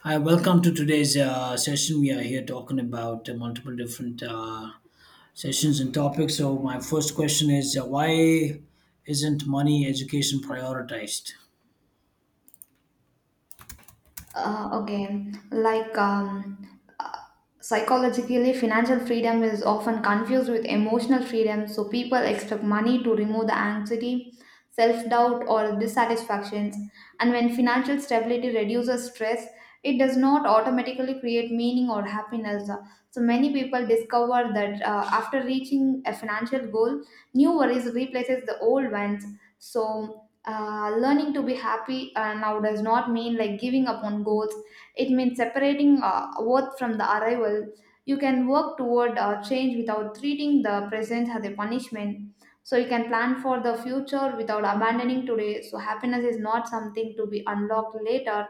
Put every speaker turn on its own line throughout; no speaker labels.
Hi, welcome to today's session. We are here talking about multiple different sessions and topics. So, my first question is why isn't money education prioritized?
Uh, okay, like um, uh, Psychologically, financial freedom is often confused with emotional freedom. So people expect money to remove the anxiety, self doubt, or dissatisfactions. And when financial stability reduces stress, it does not automatically create meaning or happiness. So many people discover that after reaching a financial goal, new worries replaces the old ones. So, learning to be happy now does not mean like giving up on goals, it means separating worth from the arrival. You can work toward change without treating the present as a punishment, so you can plan for the future without abandoning today. So happiness is not something to be unlocked later,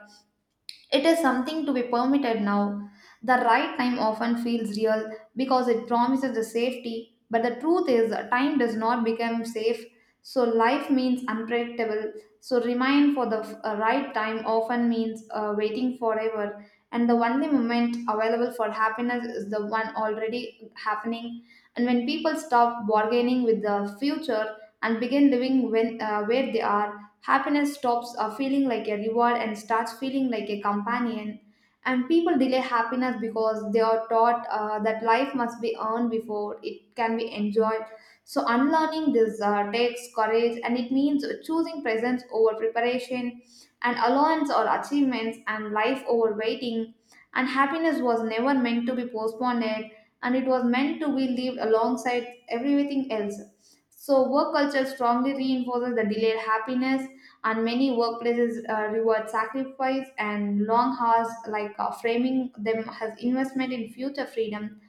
it is something to be permitted now. The right time often feels real because it promises the safety, but the truth is, time does not become safe. So, life means unpredictable. So, remain for the right time often means waiting forever. And the only moment available for happiness is the one already happening. And when people stop bargaining with the future and begin living when, where they are, happiness stops feeling like a reward and starts feeling like a companion. And people delay happiness because they are taught that life must be earned before it can be enjoyed. So, unlearning this takes courage, and it means choosing presence over preparation, and allowance or achievements and life over waiting. And happiness was never meant to be postponed, and it was meant to be lived alongside everything else. So, work culture strongly reinforces the delayed happiness, and many workplaces reward sacrifice and long hours, like framing them as investment in future freedom.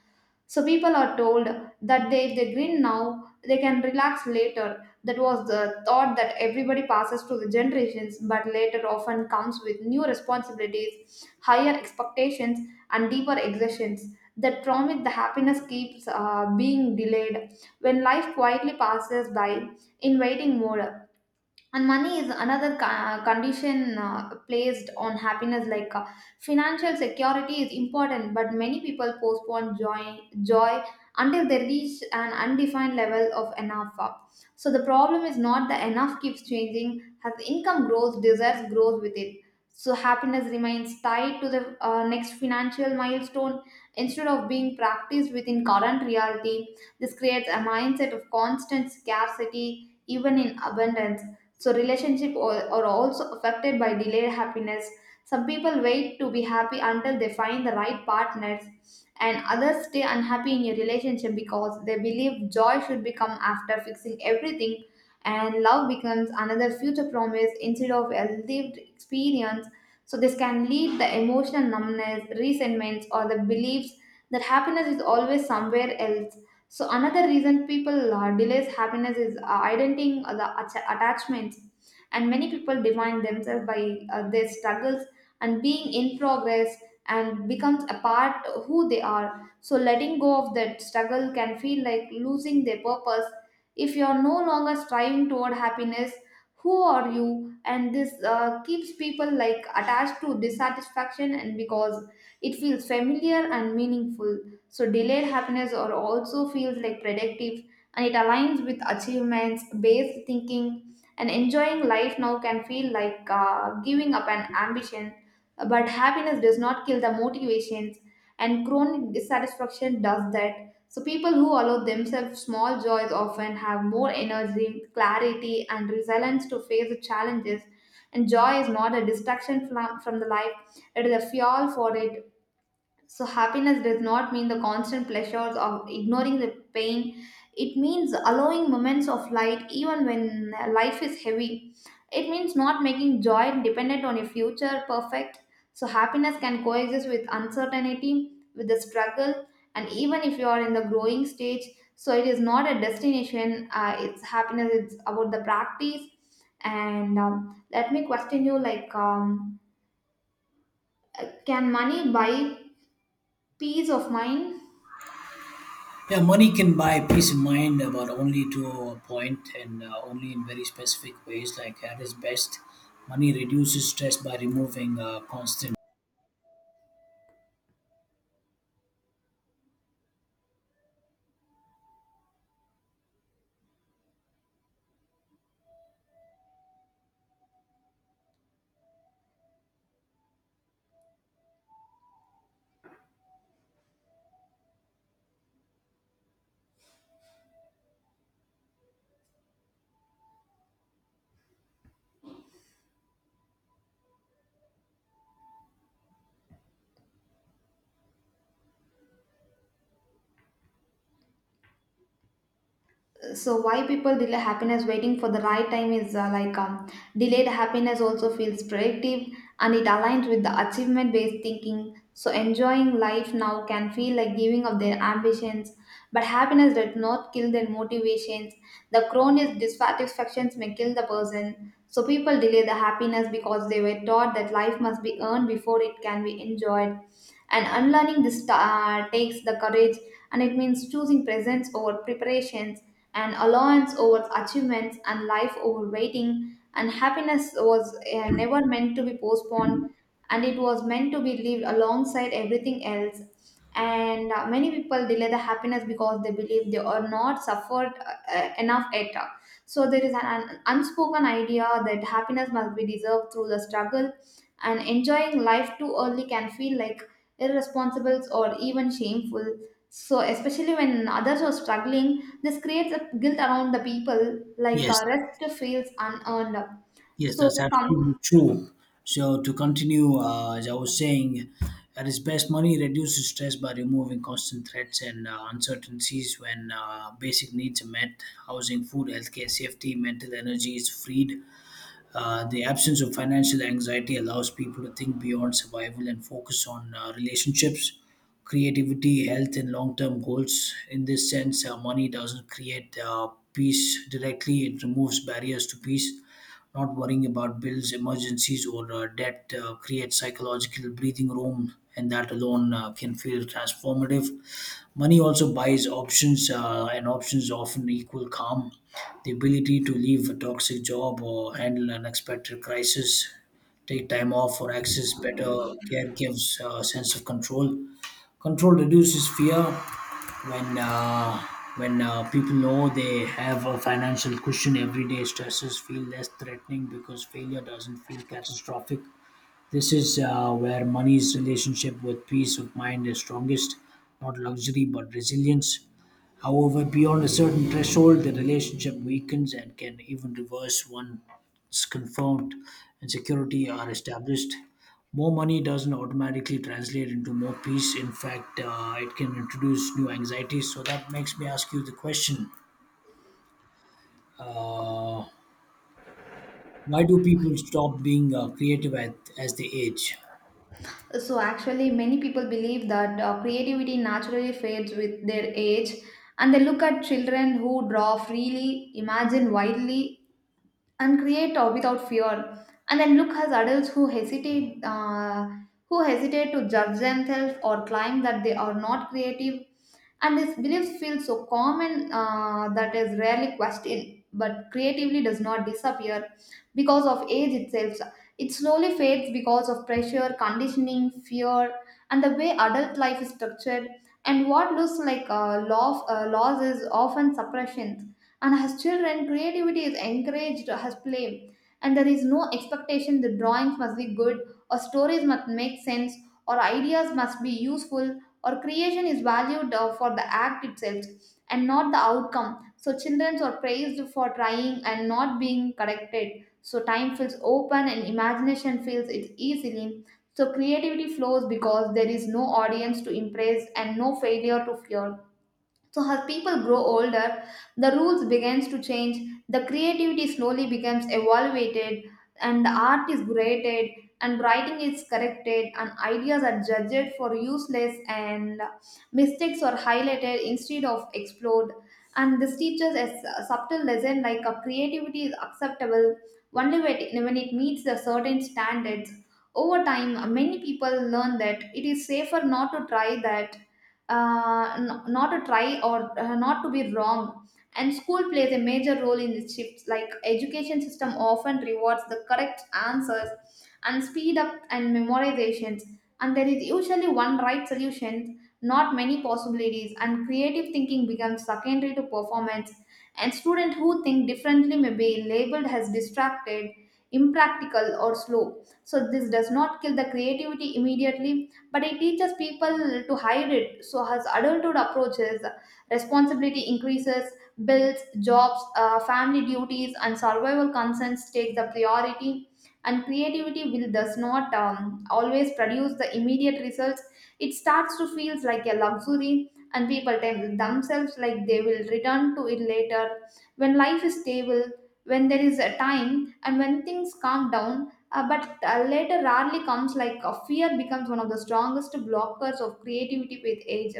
So people are told that they, if they grin now they can relax later. That was the thought that everybody passes to the generations, but later often comes with new responsibilities, higher expectations, and deeper exertions. That promise the happiness keeps being delayed when life quietly passes by in waiting mode. And money is another condition placed on happiness, like financial security is important, but many people postpone joy until they reach an undefined level of enough. So the problem is not the enough keeps changing. As income grows, desires grows with it, so happiness remains tied to the next financial milestone instead of being practiced within current reality. This creates a mindset of constant scarcity even in abundance. So relationship are also affected by delayed happiness. Some people wait to be happy until they find the right partners, and others stay unhappy in a relationship because they believe joy should become after fixing everything, and love becomes another future promise instead of a lived experience. So this can lead the emotional numbness, resentments, or the beliefs that happiness is always somewhere else. So another reason people delays happiness is identifying the attachments, and many people define themselves by their struggles and being in progress, and becomes a part of who they are. So letting go of that struggle can feel like losing their purpose. If you are no longer striving toward happiness, who are you? And this keeps people like attached to dissatisfaction, and because it feels familiar and meaningful. So delayed happiness or also feels like predictive, and it aligns with achievements based thinking, and enjoying life now can feel like giving up an ambition. But happiness does not kill the motivations, and chronic dissatisfaction does that. So people who allow themselves small joys often have more energy, clarity, and resilience to face the challenges. And joy is not a distraction from the life, it is a fuel for it. So, happiness does not mean the constant pleasures or ignoring the pain. It means allowing moments of light even when life is heavy. It means not making joy dependent on a future perfect. So, happiness can coexist with uncertainty, with the struggle, and even if you are in the growing stage. So, it is not a destination, it's happiness, it's about the practice. And let me question you, like, can money buy peace of mind?
Yeah, money can buy peace of mind, but only to a point and only in very specific ways. Like at its best, money reduces stress by removing constant.
So why people delay happiness waiting for the right time is like, delayed happiness also feels productive, and it aligns with the achievement based thinking. So enjoying life now can feel like giving up their ambitions, but happiness does not kill their motivations. The chronic dissatisfactions may kill the person. So people delay the happiness because they were taught that life must be earned before it can be enjoyed. And unlearning this takes the courage, and it means choosing presence over preparations, and allowance over achievements and life over waiting. And happiness was never meant to be postponed, and it was meant to be lived alongside everything else. And many people delay the happiness because they believe they are not suffered enough yet. So there is an unspoken idea that happiness must be deserved through the struggle, and enjoying life too early can feel like irresponsible or even shameful. So especially when others are struggling, this creates a guilt around the people, like
Yes,
rest feels unearned.
yes,
So,
that's absolutely
come,
true. So to continue, as I was saying, at its best, money reduces stress by removing constant threats and uncertainties when basic needs are met. Housing, food, healthcare, safety, mental energy is freed. The absence of financial anxiety allows people to think beyond survival and focus on relationships, creativity, health, and long term goals. In this sense, money doesn't create peace directly, it removes barriers to peace. Not worrying about bills, emergencies, or debt creates psychological breathing room, and that alone can feel transformative. Money also buys options, and options often equal calm, the ability to leave a toxic job or handle unexpected crisis, take time off, or access better care gives a sense of control. Control reduces fear when uh, when people know they have a financial cushion. Everyday stresses feel less threatening because failure doesn't feel catastrophic. This is where money's relationship with peace of mind is strongest, not luxury but resilience. However, beyond a certain threshold, the relationship weakens and can even reverse once confront and security are established. More money doesn't automatically translate into more peace. In fact, it can introduce new anxieties. So that makes me ask you the question, uh, why do people stop being as they age?
so actually, many people believe that creativity naturally fades with their age, and they look at children who draw freely, imagine widely, and create without fear, and then look as adults who hesitate to judge themselves or claim that they are not creative. And these beliefs feel so common that is rarely questioned, but creatively does not disappear because of age itself. It slowly fades because of pressure, conditioning, fear, and the way adult life is structured. And what looks like laws is often suppression. And as children, creativity is encouraged as play, and there is no expectation the drawings must be good, or stories must make sense, or ideas must be useful, or creation is valued for the act itself and not the outcome. So children are praised for trying and not being corrected, so time feels open and imagination feels it easily. So creativity flows because there is no audience to impress and no failure to fear. So as people grow older, the rules begins to change, the creativity slowly becomes evaluated, and the art is graded, and writing is corrected, and ideas are judged for useless, and mistakes are highlighted instead of explored. And this teaches a subtle lesson, like a creativity is acceptable only when it meets the certain standards. Over time, many people learn that it is safer not to try, that not to try or not to be wrong. And school plays a major role in this shift, like education system often rewards the correct answers and speed up and memorizations, and there is usually one right solution, not many possibilities, and creative thinking becomes secondary to performance. And students who think differently may be labeled as distracted, impractical, or slow. So this does not kill the creativity immediately, but it teaches people to hide it. So as adulthood approaches, responsibility increases, bills, jobs, family duties, and survival concerns take the priority. And creativity will does not always produce the immediate results. It starts to feel like a luxury, and people tell themselves like they will return to it later. When life is stable, when there is a time, and when things calm down, but later rarely comes, like fear becomes one of the strongest blockers of creativity with age.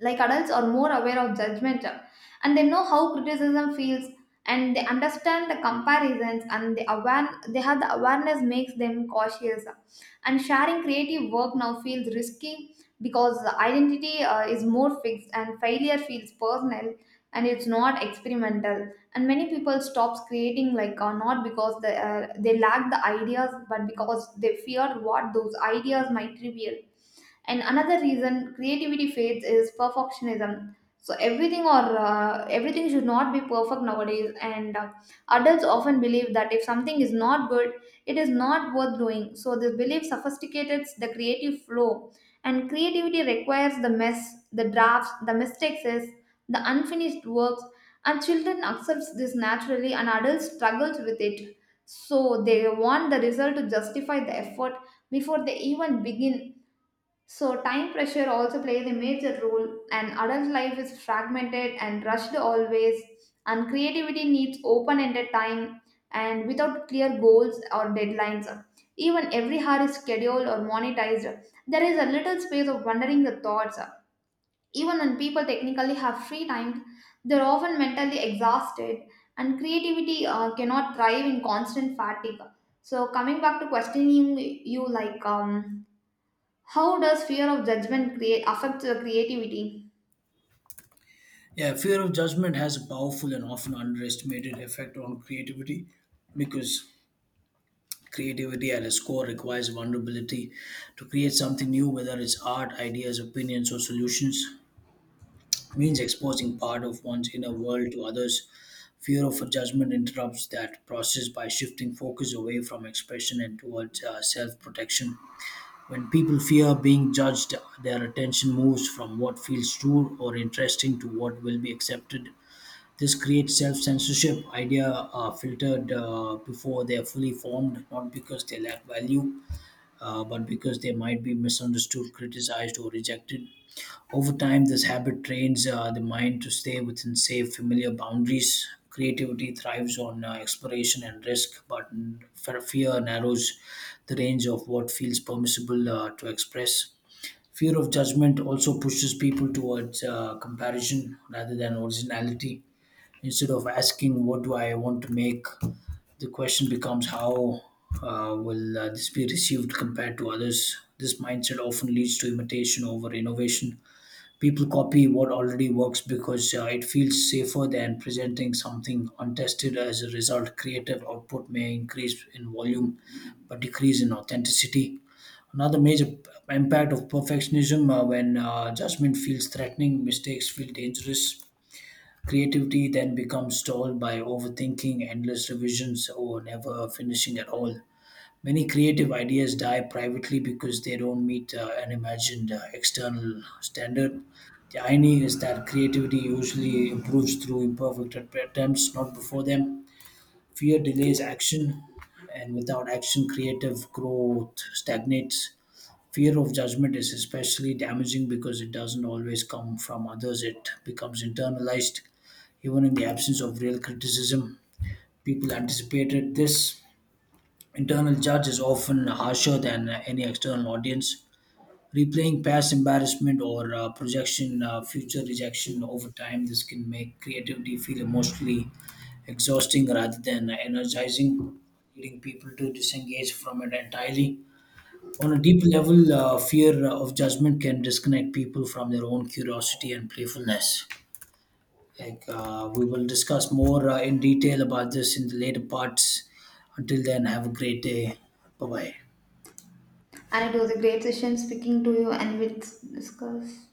Like adults are more aware of judgment, and they know how criticism feels, and they understand the comparisons, and the aware they have the awareness makes them cautious. And sharing creative work now feels risky, because the identity is more fixed and failure feels personal, and it's not experimental. And many people stops creating, like not because they lack the ideas, but because they fear what those ideas might reveal. And another reason creativity fades is perfectionism. So everything or everything should not be perfect nowadays, and adults often believe that if something is not good, it is not worth doing. So this belief sophisticates the creative flow, and creativity requires the mess, the drafts, the mistakes, the unfinished works. And children accepts this naturally, and adults struggles with it. So they want the result to justify the effort before they even begin. So, time pressure also plays a major role, and adult life is fragmented and rushed always, and creativity needs open ended time and without clear goals or deadlines. Even every hour is scheduled or monetized. There is a little space of wondering the thoughts. Even when people technically have free time, they're often mentally exhausted, and creativity cannot thrive in constant fatigue. So, coming back to questioning you, like, how does fear of judgment create affect the creativity?
Yeah, fear of judgment has a powerful and often underestimated effect on creativity, because creativity at its core requires vulnerability. To create something new, whether it's art, ideas, opinions, or solutions, means exposing part of one's inner world to others. Fear of a judgment interrupts that process by shifting focus away from expression and towards self protection. When people fear being judged, their attention moves from what feels true or interesting to what will be accepted. This creates self-censorship. Idea are filtered before they are fully formed, not because they lack value, but because they might be misunderstood, criticized, or rejected. Over time, this habit trains the mind to stay within safe, familiar boundaries. Creativity thrives on exploration and risk, but fear narrows the range of what feels permissible to express. Fear of judgment also pushes people towards comparison rather than originality. Instead of asking what do I want to make, the question becomes how will this be received compared to others. This mindset often leads to imitation over innovation. People copy what already works because it feels safer than presenting something untested. As a result, creative output may increase in volume but decrease in authenticity. Another major impact of perfectionism, when judgment feels threatening, mistakes feel dangerous. Creativity then becomes stalled by overthinking, endless revisions, or never finishing at all. Many creative ideas die privately because they don't meet an imagined external standard. The irony is that creativity usually improves through imperfect attempts, not before them. Fear delays action, and without action, creative growth stagnates. Fear of judgment is especially damaging because it doesn't always come from others, it becomes internalized even in the absence of real criticism, people anticipated this. Internal judge is often harsher than any external audience. Replaying past embarrassment or projection, future rejection over time, this can make creativity feel emotionally exhausting rather than energizing, leading people to disengage from it entirely. On a deep level, fear of judgment can disconnect people from their own curiosity and playfulness. Like we will discuss more in detail about this in the later parts. Until then, have a great day. Bye bye.
And it was a great session speaking to you and with discuss.